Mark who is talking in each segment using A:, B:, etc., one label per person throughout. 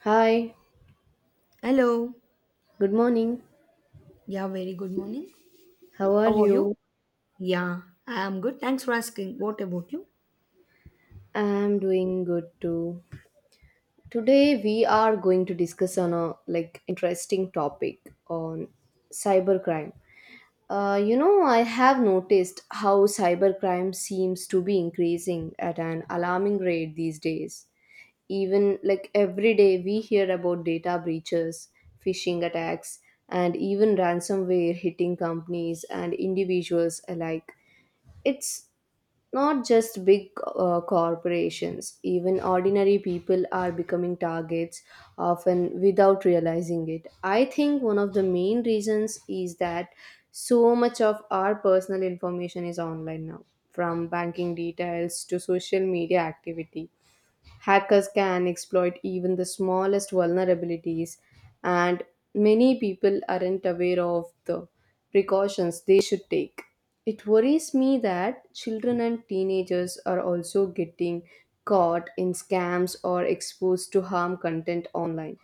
A: Hi,
B: Hello.
A: good morning.
B: Yeah, very good morning.
A: How are
B: How are you?
A: you?
B: Yeah, I am good. Thanks for asking. What about you?
A: I'm doing good too. Today we are going to discuss on a interesting topic on cybercrime. I have noticed how cybercrime seems to be increasing at an alarming rate these days. Even every day we hear about data breaches, phishing attacks, and even ransomware hitting companies and individuals alike. It's not just big corporations, even ordinary people are becoming targets, often without realizing it. I think one of the main reasons is that so much of our personal information is online now, from banking details to social media activity. Hackers can exploit even the smallest vulnerabilities, and many people aren't aware of the precautions they should take. It worries me that children and teenagers are also getting caught in scams or exposed to harm content online.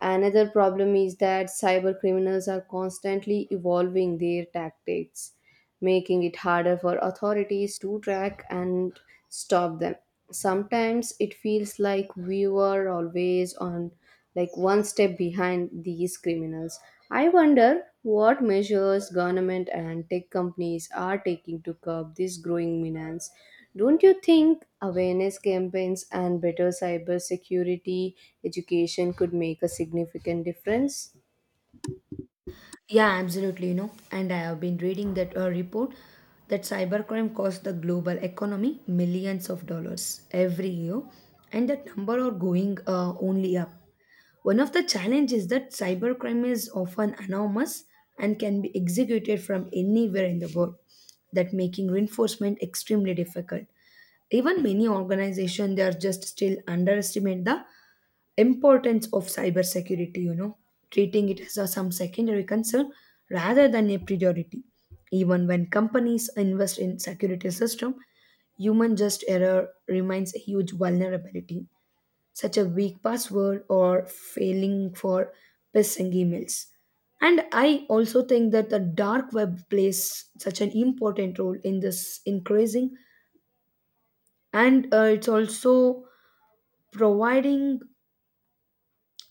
A: Another problem is that cyber criminals are constantly evolving their tactics, making it harder for authorities to track and stop them. Sometimes it feels like we were always on, one step behind these criminals. I wonder what measures government and tech companies are taking to curb this growing menace. Don't you think awareness campaigns and better cybersecurity education could make a significant difference?
B: Yeah, absolutely. You know, and I have been reading that report that cybercrime costs the global economy millions of dollars every year, and that number are going only up. One of the challenges is that cybercrime is often anonymous and can be executed from anywhere in the world, that making reinforcement extremely difficult. Even many organizations they are just still underestimate the importance of cybersecurity, treating it as a, some secondary concern rather than a priority. Even when companies invest in security system, human just error remains a huge vulnerability, such a weak password or failing for phishing emails. And I also think that the dark web plays such an important role in this increasing, and it's also providing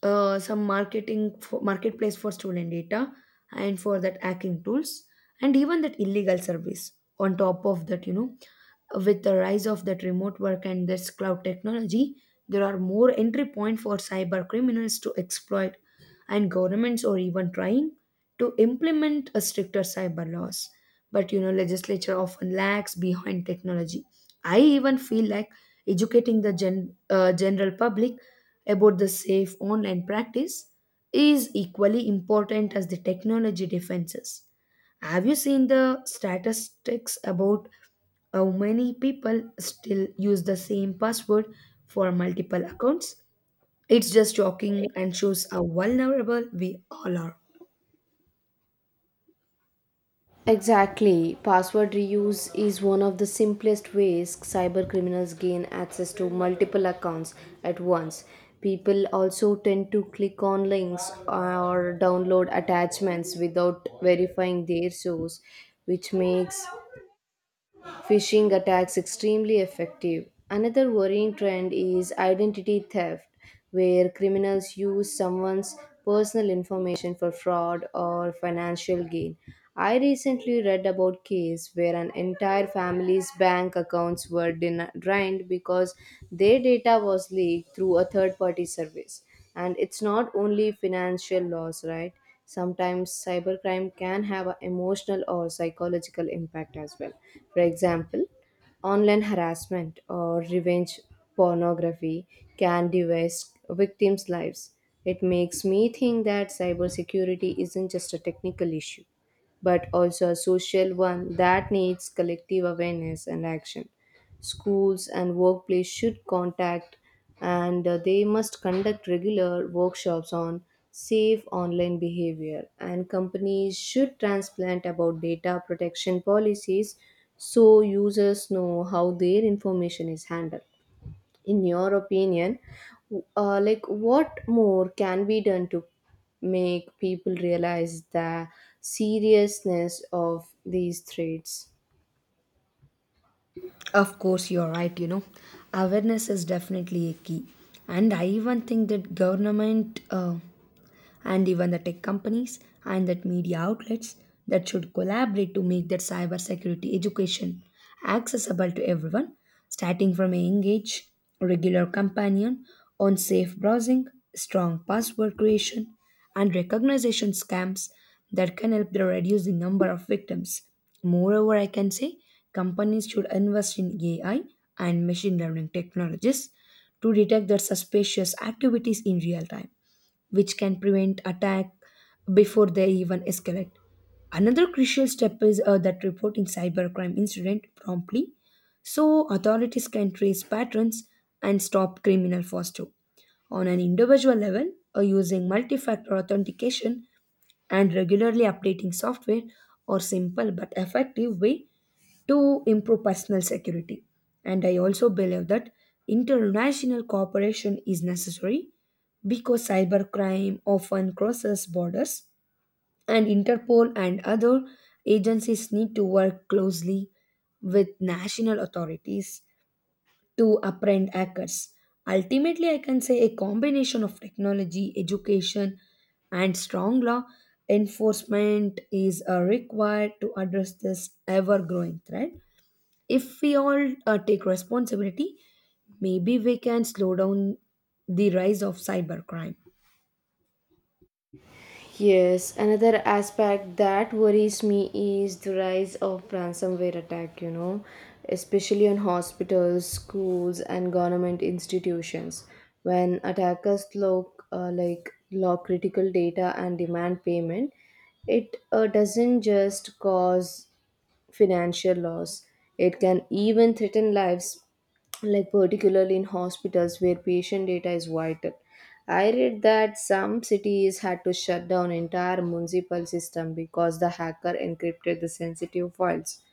B: some marketing for, marketplace for stolen data and for that hacking tools and even that illegal service. On top of that, with the rise of that remote work and this cloud technology, there are more entry point for cyber criminals to exploit. And governments are even trying to implement a stricter cyber laws, but you know legislature often lags behind technology. I even feel like educating the general public about the safe online practice is equally important as the technology defenses. Have you seen the statistics about how many people still use the same password for multiple accounts? It's just shocking and shows how vulnerable we all are.
A: Exactly. Password reuse is one of the simplest ways cyber criminals gain access to multiple accounts at once. People also tend to click on links or download attachments without verifying their source, which makes phishing attacks extremely effective. Another worrying trend is identity theft, where criminals use someone's personal information for fraud or financial gain. I recently read about case where an entire family's bank accounts were drained because their data was leaked through a third party service. And it's not only financial loss, right? Sometimes cybercrime can have an emotional or psychological impact as well. For example, online harassment or revenge pornography can devast victims' lives. It makes me think that cybersecurity isn't just a technical issue, but also a social one that needs collective awareness and action. Schools and workplace should contact, and they must conduct regular workshops on safe online behavior, and companies should transplant about data protection policies so users know how their information is handled. In your opinion, what more can be done to make people realize the seriousness of these threats?
B: Of course, you're right. You know, awareness is definitely a key, and I even think that government and even the tech companies and that media outlets that should collaborate to make that cybersecurity education accessible to everyone, starting from a young age. Regular companion on safe browsing, strong password creation, and recognition scams that can help to reduce the number of victims. Moreover, I can say companies should invest in AI and machine learning technologies to detect the suspicious activities in real time, which can prevent attack before they even escalate. Another crucial step is that reporting cybercrime incident promptly so authorities can trace patterns and stop criminal faster. On an individual level, using multi factor authentication and regularly updating software are simple but effective way to improve personal security. And I also believe that international cooperation is necessary because cybercrime often crosses borders, and Interpol and other agencies need to work closely with national authorities to apprend hackers. Ultimately, I can say a combination of technology, education, and strong law enforcement is required to address this ever growing threat. If we all take responsibility, maybe we can slow down the rise of cybercrime.
A: Yes, another aspect that worries me is the rise of ransomware attack, you know, especially on hospitals, schools, and government institutions. When attackers lock, lock critical data and demand payment, it doesn't just cause financial loss. It can even threaten lives, particularly in hospitals where patient data is vital. I read that some cities had to shut down entire municipal system because the hacker encrypted the sensitive files.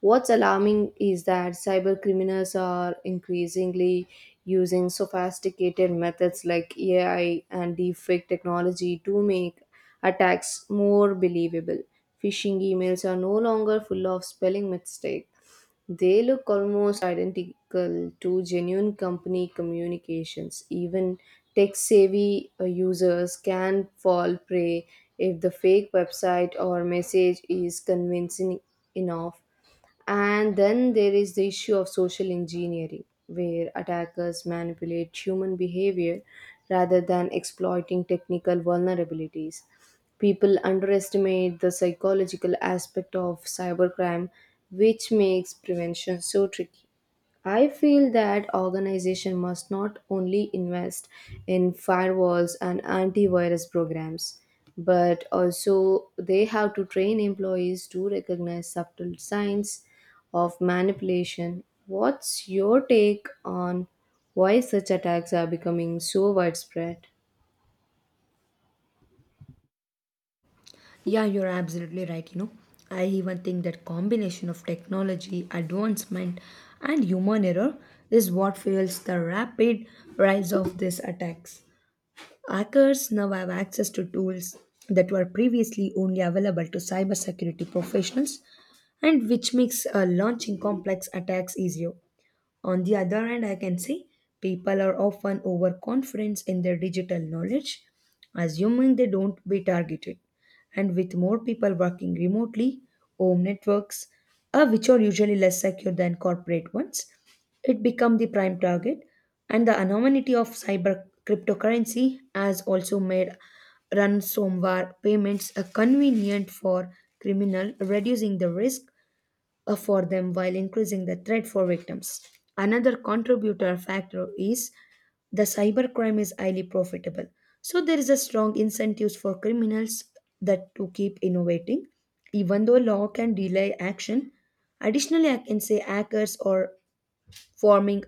A: What's alarming is that cyber criminals are increasingly using sophisticated methods like AI and deepfake technology to make attacks more believable. Phishing emails are no longer full of spelling mistakes. They look almost identical to genuine company communications. Even tech savvy users can fall prey if the fake website or message is convincing enough. And then there is the issue of social engineering, where attackers manipulate human behavior rather than exploiting technical vulnerabilities. People underestimate the psychological aspect of cybercrime, which makes prevention so tricky. I feel that organization must not only invest in firewalls and antivirus programs, but also they have to train employees to recognize subtle signs of manipulation. What's your take on why such attacks are becoming so widespread?
B: Yeah, you're absolutely right. You know, I even think that combination of technology, advancement, and human error is what fuels the rapid rise of these attacks. Hackers now have access to tools that were previously only available to cybersecurity professionals, and which makes launching complex attacks easier. On the other hand, I can see people are often overconfident in their digital knowledge, assuming they don't be targeted. And with more people working remotely, home networks, which are usually less secure than corporate ones, it become the prime target. And the anonymity of cyber cryptocurrency has also made ransomware payments a convenient for criminal, reducing the risk for them while increasing the threat for victims. Another contributor factor is the cybercrime is highly profitable. So there is a strong incentives for criminals that to keep innovating. Even though law can delay action, additionally I can say hackers are forming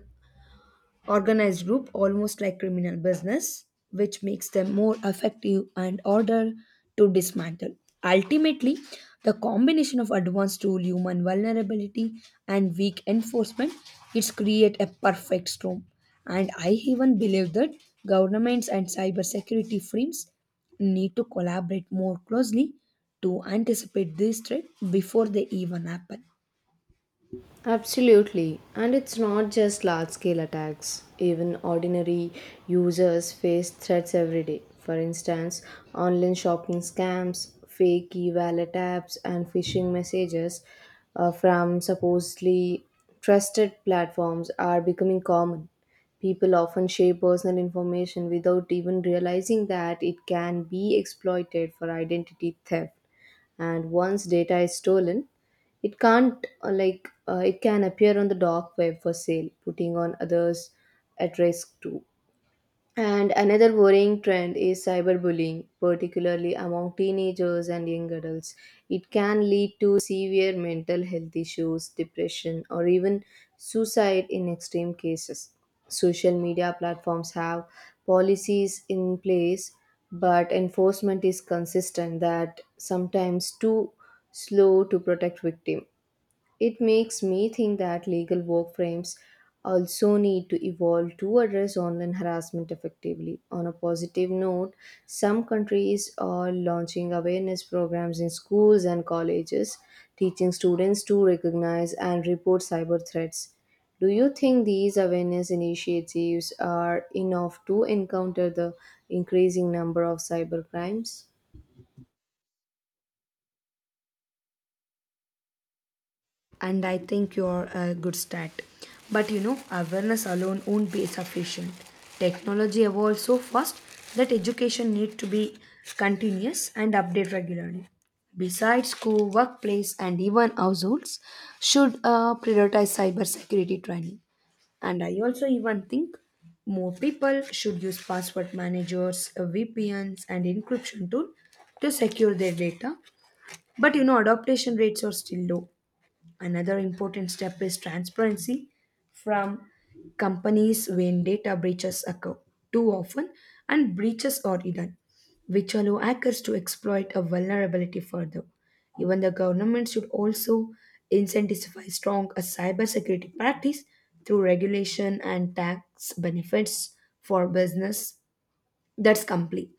B: organized group, almost like criminal business, which makes them more effective and order to dismantle. Ultimately, the combination of advanced tool, human vulnerability, and weak enforcement, it's create a perfect storm. And I even believe that governments and cybersecurity firms need to collaborate more closely to anticipate this threat before they even happen.
A: Absolutely, and it's not just large scale attacks. Even ordinary users face threats every day. For instance, online shopping scams, fake e wallet apps, and phishing messages from supposedly trusted platforms are becoming common. People often share personal information without even realizing that it can be exploited for identity theft, and once data is stolen, it can't like it can appear on the dark web for sale, putting on others at risk too. And another worrying trend is cyberbullying, particularly among teenagers and young adults. It can lead to severe mental health issues, depression, or even suicide in extreme cases. Social media platforms have policies in place, but enforcement is consistent that sometimes too slow to protect victims. It makes me think that legal work frames also need to evolve to address online harassment effectively. On a positive note, some countries are launching awareness programs in schools and colleges, teaching students to recognize and report cyber threats. Do you think these awareness initiatives are enough to encounter the increasing number of cyber crimes?
B: And I think you're a good start. But you know, awareness alone won't be sufficient. Technology evolves so fast that education needs to be continuous and updated regularly. Besides, school, workplace, and even households should prioritize cybersecurity training. And I also even think more people should use password managers, VPNs, and encryption tool to secure their data. But you know, adaptation rates are still low. Another important step is transparency from companies when data breaches occur too often, and breaches are hidden, which allow hackers to exploit a vulnerability further. Even the government should also incentivize strong a cybersecurity practice through regulation and tax benefits for business that's complete.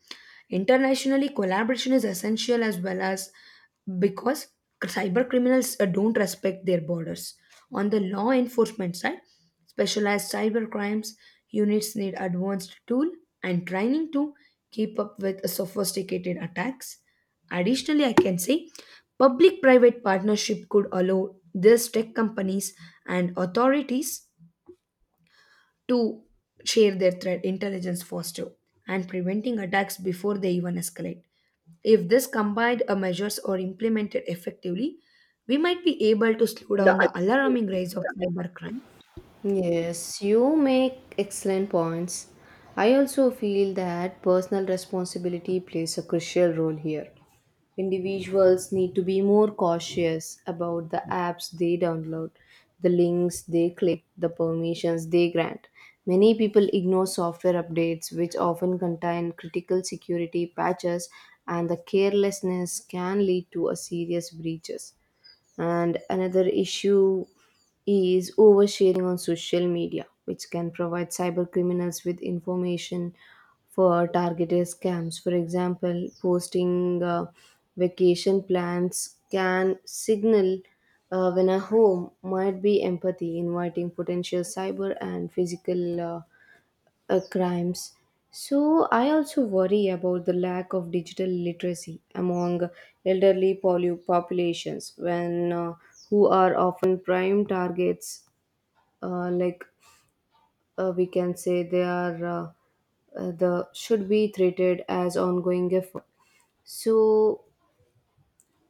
B: Internationally, collaboration is essential as well, as because cyber criminals don't respect their borders. On the law enforcement side, specialized cyber crimes units need advanced tool and training to keep up with sophisticated attacks. Additionally, I can say public private partnership could allow these tech companies and authorities to share their threat intelligence faster and preventing attacks before they even escalate. If this combined measures are implemented effectively, we might be able to slow down the alarming rise of cybercrime.
A: Yes, you make excellent points. I also feel that personal responsibility plays a crucial role here. Individuals need to be more cautious about the apps they download, the links they click, the permissions they grant. Many people ignore software updates, which often contain critical security patches, and the carelessness can lead to a serious breaches. And another issue is oversharing on social media, which can provide cyber criminals with information for targeted scams. For example, posting vacation plans can signal when a home might be empathy, inviting potential cyber and physical crimes. So, I also worry about the lack of digital literacy among elderly populations, when who are often prime targets. Uh, like we can say, they are the should be treated as ongoing effort. So,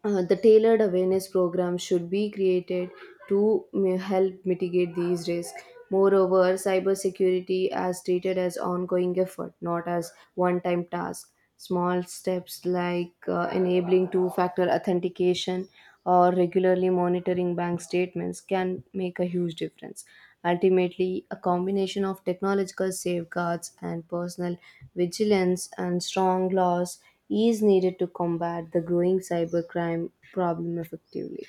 A: the tailored awareness program should be created to help mitigate these risks. Moreover, cybersecurity as treated as ongoing effort, not as one-time task. Small steps like enabling two-factor authentication or regularly monitoring bank statements can make a huge difference. Ultimately, a combination of technological safeguards and personal vigilance and strong laws is needed to combat the growing cybercrime problem effectively.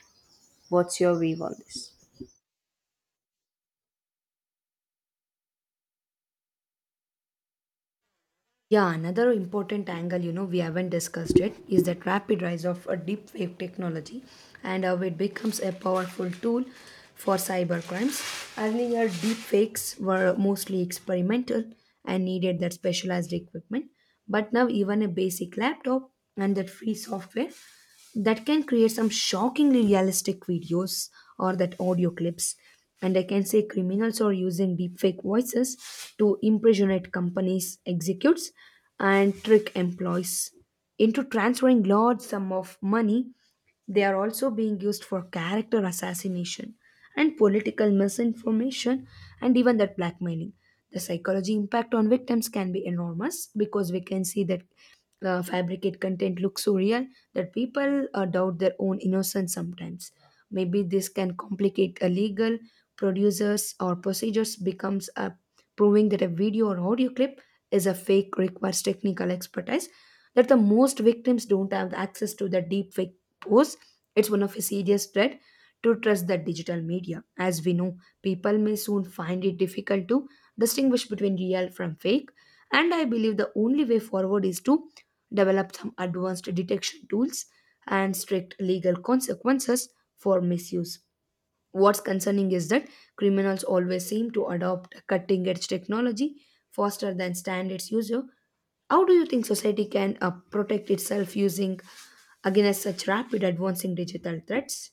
A: What's your view on this?
B: Yeah, another important angle, you know, we haven't discussed it, is that rapid rise of a deep fake technology and how it becomes a powerful tool for cyber crimes. Earlier, deep fakes were mostly experimental and needed that specialized equipment, but now even a basic laptop and that free software that can create some shockingly realistic videos or that audio clips. And I can say criminals are using deepfake voices to impersonate companies executives and trick employees into transferring large sum of money. They are also being used for character assassination and political misinformation and even that blackmailing. The psychology impact on victims can be enormous, because we can see that fabricate content looks so real that people doubt their own innocence sometimes. Maybe this can complicate a legal producers or procedures becomes a proving that a video or audio clip is a fake requires technical expertise that the most victims don't have access to the deepfake course. It's one of a serious threat to trust the digital media. As we know, people may soon find it difficult to distinguish between real from fake. And I believe the only way forward is to develop some advanced detection tools and strict legal consequences for misuse. What's concerning is that criminals always seem to adopt cutting edge technology faster than standards user. How do you think society can protect itself using against such rapid advancing digital threats?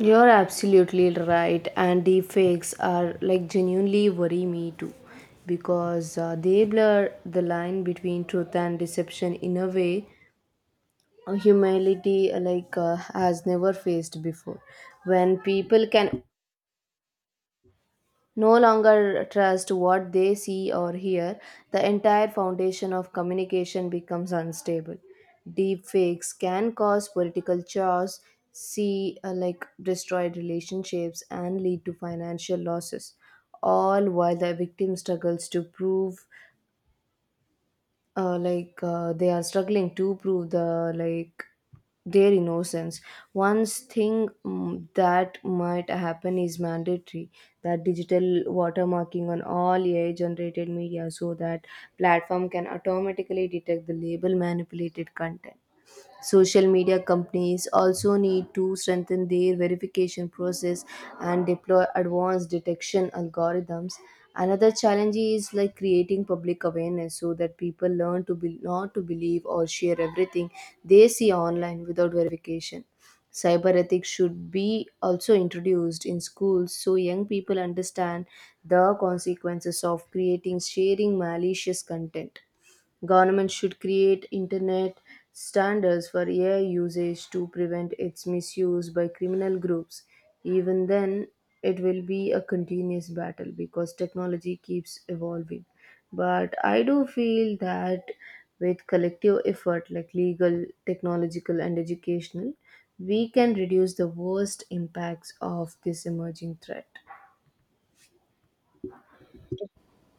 A: You're absolutely right, and deepfakes are genuinely worry me too because they blur the line between truth and deception in a way humanity has never faced before. When people can no longer trust what they see or hear, the entire foundation of communication becomes unstable. Deep fakes can cause political chaos, see like destroyed relationships, and lead to financial losses, all while the victim struggles to prove like they are struggling to prove their innocence. One thing that might happen is mandatory, that digital watermarking on all AI generated media so that platform can automatically detect the label manipulated content. Social media companies also need to strengthen their verification process and deploy advanced detection algorithms. Another challenge is creating public awareness so that people learn to be, not to believe or share everything they see online without verification. Cyber ethics should be also introduced in schools so young people understand the consequences of creating sharing malicious content. Government should create internet standards for AI usage to prevent its misuse by criminal groups. Even then, it will be a continuous battle because technology keeps evolving. But I do feel that with collective effort like legal, technological, and educational, we can reduce the worst impacts of this emerging threat.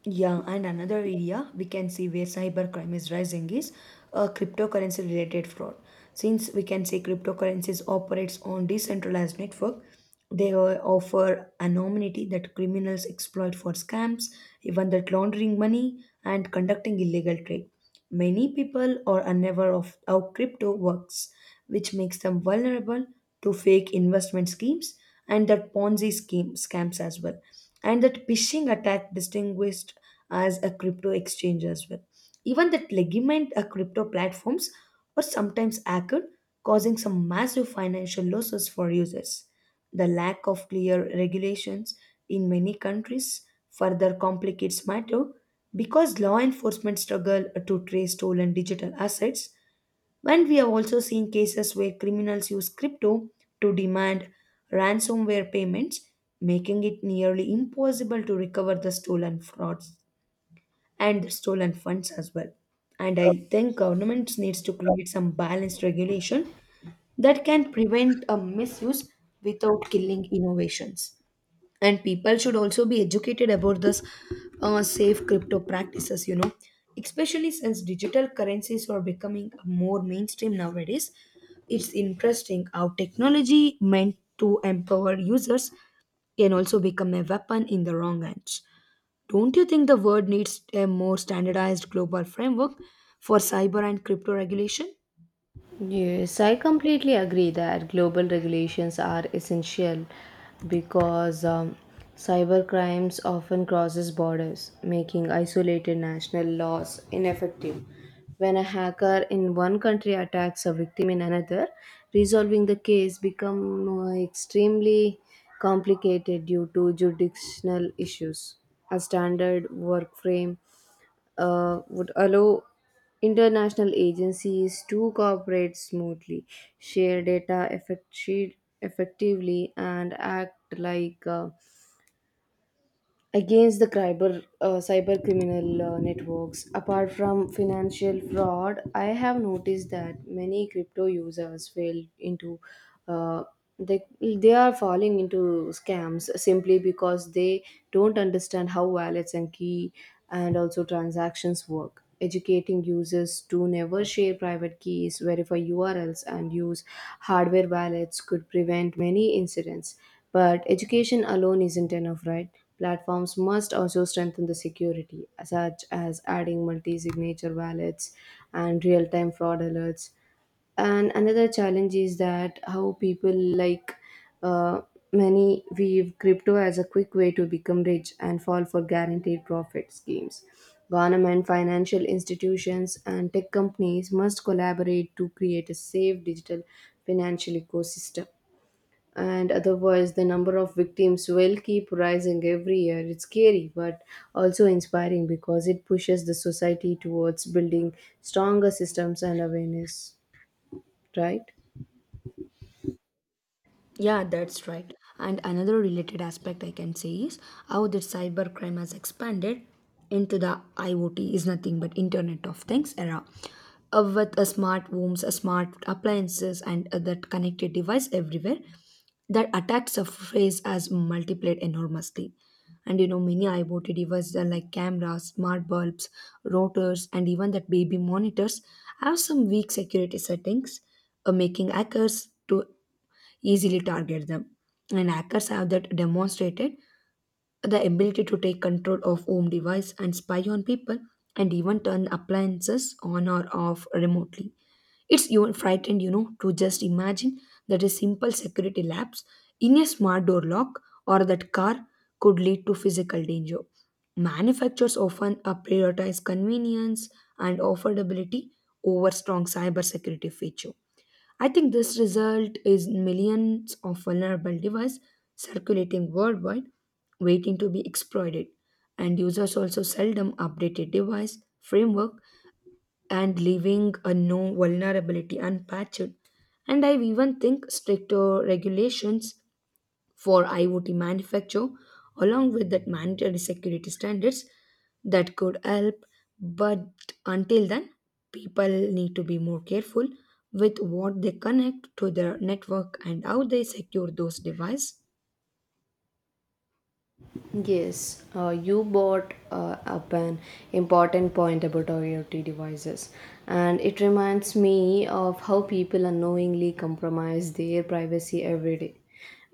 B: Yeah, and another area we can see where cybercrime is rising is cryptocurrency related fraud. Since we can say cryptocurrencies operates on decentralized network, they offer anonymity that criminals exploit for scams, even that laundering money and conducting illegal trade. Many people are unaware of how crypto works, which makes them vulnerable to fake investment schemes and that Ponzi scheme scams as well. And that phishing attack distinguished as a crypto exchange as well. Even that legitimate crypto platforms were sometimes hacked, causing some massive financial losses for users. The lack of clear regulations in many countries further complicates matter because law enforcement struggle to trace stolen digital assets. And we have also seen cases where criminals use crypto to demand ransomware payments, making it nearly impossible to recover the stolen frauds and stolen funds as well. And I think governments needs to create some balanced regulation that can prevent a misuse without killing innovations. And people should also be educated about this safe crypto practices, you know, especially since digital currencies are becoming more mainstream nowadays. It's interesting how technology meant to empower users can also become a weapon in the wrong hands. Don't you think the world needs a more standardized global framework for cyber and crypto regulation?
A: Yes, I completely agree that global regulations are essential because cyber crimes often crosses borders, making isolated national laws ineffective. When a hacker in one country attacks a victim in another, resolving the case become extremely complicated due to jurisdictional issues. A standard work frame would allow international agencies to cooperate smoothly, share data effectively, and act against the cyber criminal networks. Apart from financial fraud, I have noticed that many crypto users fell into, uh, they are falling into scams simply because they don't understand how wallets and key and also transactions work. Educating users to never share private keys, verify URLs and use hardware wallets could prevent many incidents, but education alone isn't enough, right? Platforms must also strengthen the security, such as adding multi signature wallets and real time fraud alerts. And another challenge is that how people uh, many view crypto as a quick way to become rich and fall for guaranteed profit schemes. Government, financial institutions, and tech companies must collaborate to create a safe digital financial ecosystem, and otherwise the number of victims will keep rising every year. It's scary but also inspiring because it pushes the society towards building stronger systems and awareness, right?
B: Yeah, that's right. And another related aspect I can say is how the cybercrime has expanded into the IoT is nothing but Internet of Things era. With smart homes, smart appliances, and other connected device everywhere, that attack surface has multiplied enormously. And you know, many IoT devices are like cameras, smart bulbs, rotors, and even that baby monitors have some weak security settings, making hackers to easily target them. And hackers have that demonstrated the ability to take control of home device and spy on people and even turn appliances on or off remotely. It's even frightened, you know, to just imagine that a simple security lapse in a smart door lock or that car could lead to physical danger. Manufacturers often prioritize convenience and affordability over strong cybersecurity features. I think this result is millions of vulnerable devices circulating worldwide, waiting to be exploited, and users also seldom update a device framework and leaving a no vulnerability unpatched. And I even think stricter regulations for IoT manufacture, along with that mandatory security standards that could help. But until then, people need to be more careful with what they connect to their network and how they secure those devices.
A: Yes, you brought up an important point about IoT devices, and it reminds me of how people unknowingly compromise their privacy every day.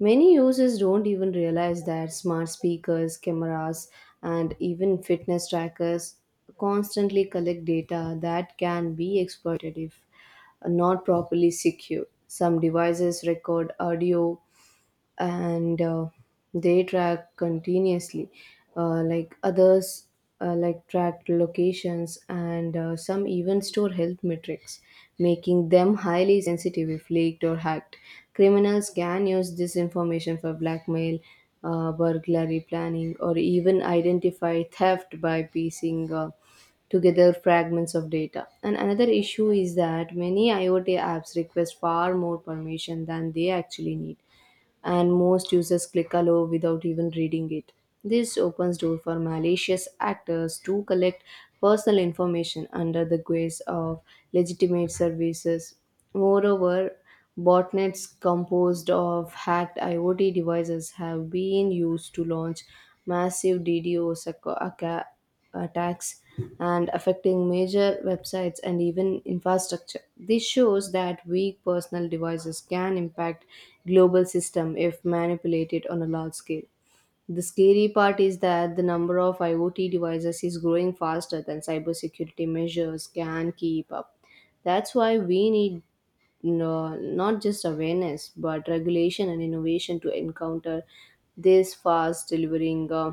A: Many users don't even realize that smart speakers, cameras, and even fitness trackers constantly collect data that can be exploited if not properly secured. Some devices record audio, and they track continuously, others track locations, and some even store health metrics, making them highly sensitive. If leaked or hacked, criminals can use this information for blackmail, burglary planning, or even identify theft by piecing together fragments of data. And another issue is that many IoT apps request far more permission than they actually need, and most users click allow without even reading it. This opens door for malicious actors to collect personal information under the guise of legitimate services. Moreover, botnets composed of hacked IoT devices have been used to launch massive DDoS attack attacks, and affecting major websites and even infrastructure. This shows that weak personal devices can impact global system if manipulated on a large scale. The scary part is that the number of IoT devices is growing faster than cybersecurity measures can keep up. That's why we need, no, not just awareness but regulation and innovation to encounter this fast delivering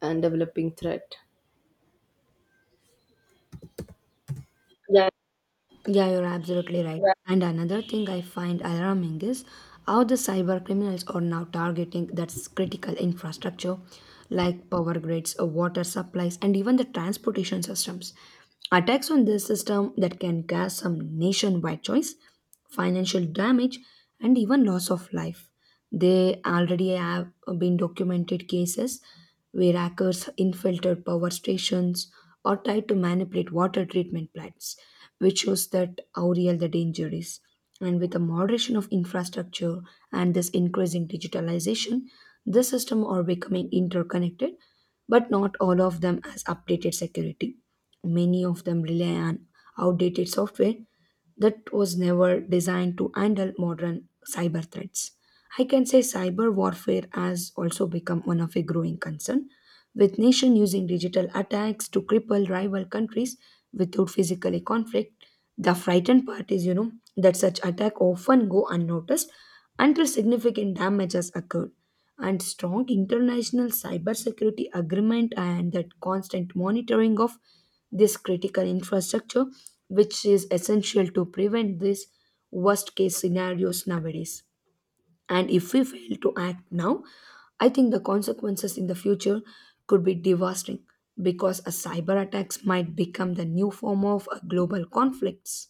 A: and developing threat.
B: Yeah, you're absolutely right. Right. And another thing I find alarming is how the cyber criminals are now targeting that's critical infrastructure like power grids, water supplies, and even the transportation systems. Attacks on this system that can cause some nationwide choice, financial damage, and even loss of life. They already have been documented cases where hackers infiltrated power stations or tried to manipulate water treatment plants, which shows that how real the danger is. And with the moderation of infrastructure and this increasing digitalization, the system are becoming interconnected, but not all of them has updated security. Many of them rely on outdated software that was never designed to handle modern cyber threats. I can say cyber warfare has also become one of a growing concern, with nations using digital attacks to cripple rival countries without physical conflict. The frightened part is, you know, that such attack often go unnoticed until significant damage has occurred. And strong international cybersecurity agreement and that constant monitoring of this critical infrastructure, which is essential to prevent these worst case scenarios nowadays. And if we fail to act now, I think the consequences in the future could be devastating because a cyber attacks might become the new form of a global conflicts.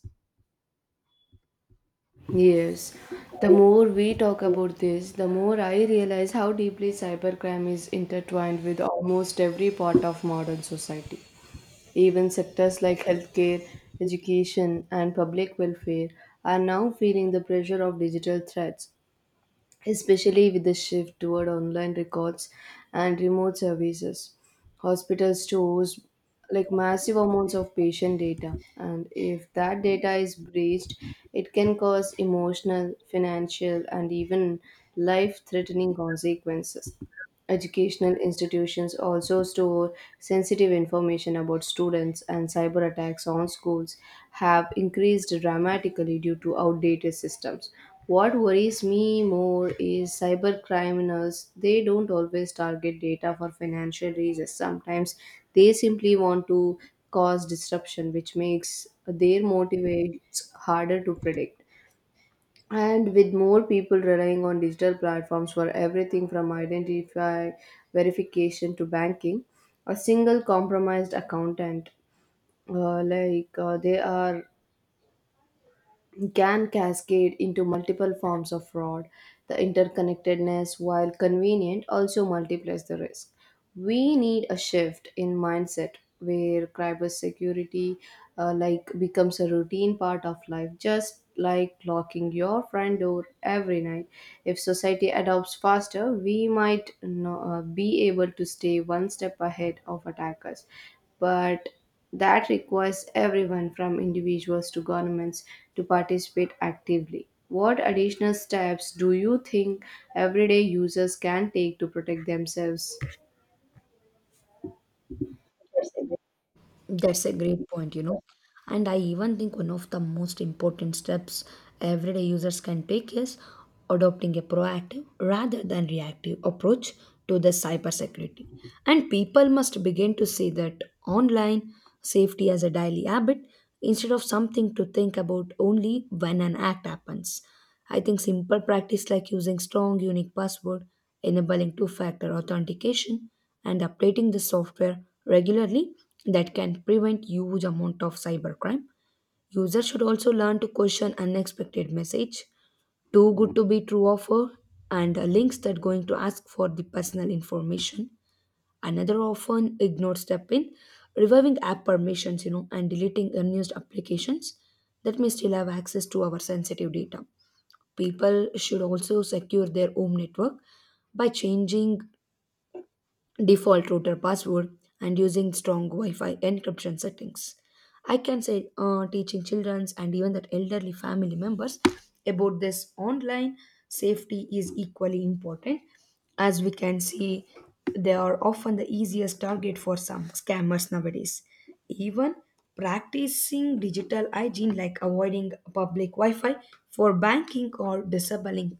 A: Yes, the more we talk about this, the more I realize how deeply cybercrime is intertwined with almost every part of modern society. Even sectors like healthcare, education, and public welfare are now feeling the pressure of digital threats, especially with the shift toward online records and remote services. Hospitals stores massive amounts of patient data, and if that data is breached, it can cause emotional, financial, and even life threatening consequences. Educational institutions also store sensitive information about students, and cyber attacks on schools have increased dramatically due to outdated systems. What worries me more is cyber criminals. They don't always target data for financial reasons. Sometimes they simply want to cause disruption, which makes their motivates harder to predict. And with more people relying on digital platforms for everything from identify verification to banking, a single compromised accountant like they are can cascade into multiple forms of fraud. The interconnectedness, while convenient, also multiplies the risk. We need a shift in mindset where cybersecurity becomes a routine part of life, just like locking your front door every night. If society adopts faster, we might, no, be able to stay one step ahead of attackers. But that requires everyone from individuals to governments to participate actively. What additional steps do you think everyday users can take to protect themselves?
B: That's a great point, you know. And I even think one of the most important steps everyday users can take is adopting a proactive rather than reactive approach to the cybersecurity. And people must begin to see that online safety as a daily habit instead of something to think about only when an act happens. I think simple practice like using strong unique password, enabling two-factor authentication, and updating the software regularly that can prevent huge amount of cybercrime. Users should also learn to question unexpected message, too good to be true offer, and links that going to ask for the personal information. Another often ignored step in reviving app permissions, you know, and deleting unused applications that may still have access to our sensitive data. People should also secure their home network by changing default router password and using strong Wi-Fi encryption settings. I can say teaching children and even that elderly family members about this online safety is equally important. As we can see, they are often the easiest target for some scammers nowadays. Even practicing digital hygiene like avoiding public Wi-Fi for banking or disabling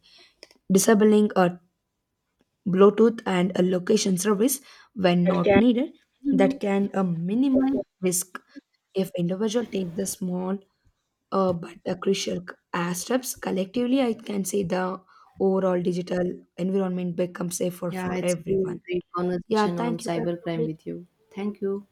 B: a Bluetooth and a location service when not needed that can minimize risk. If individual take the small but the crucial steps collectively, I can say the overall digital environment becomes safer
A: Yeah,
B: for
A: it's been a
B: everyone.
A: great
B: Yeah,
A: conversation on
B: thank you. Can you
A: cybercrime
B: update
A: with you. Thank you.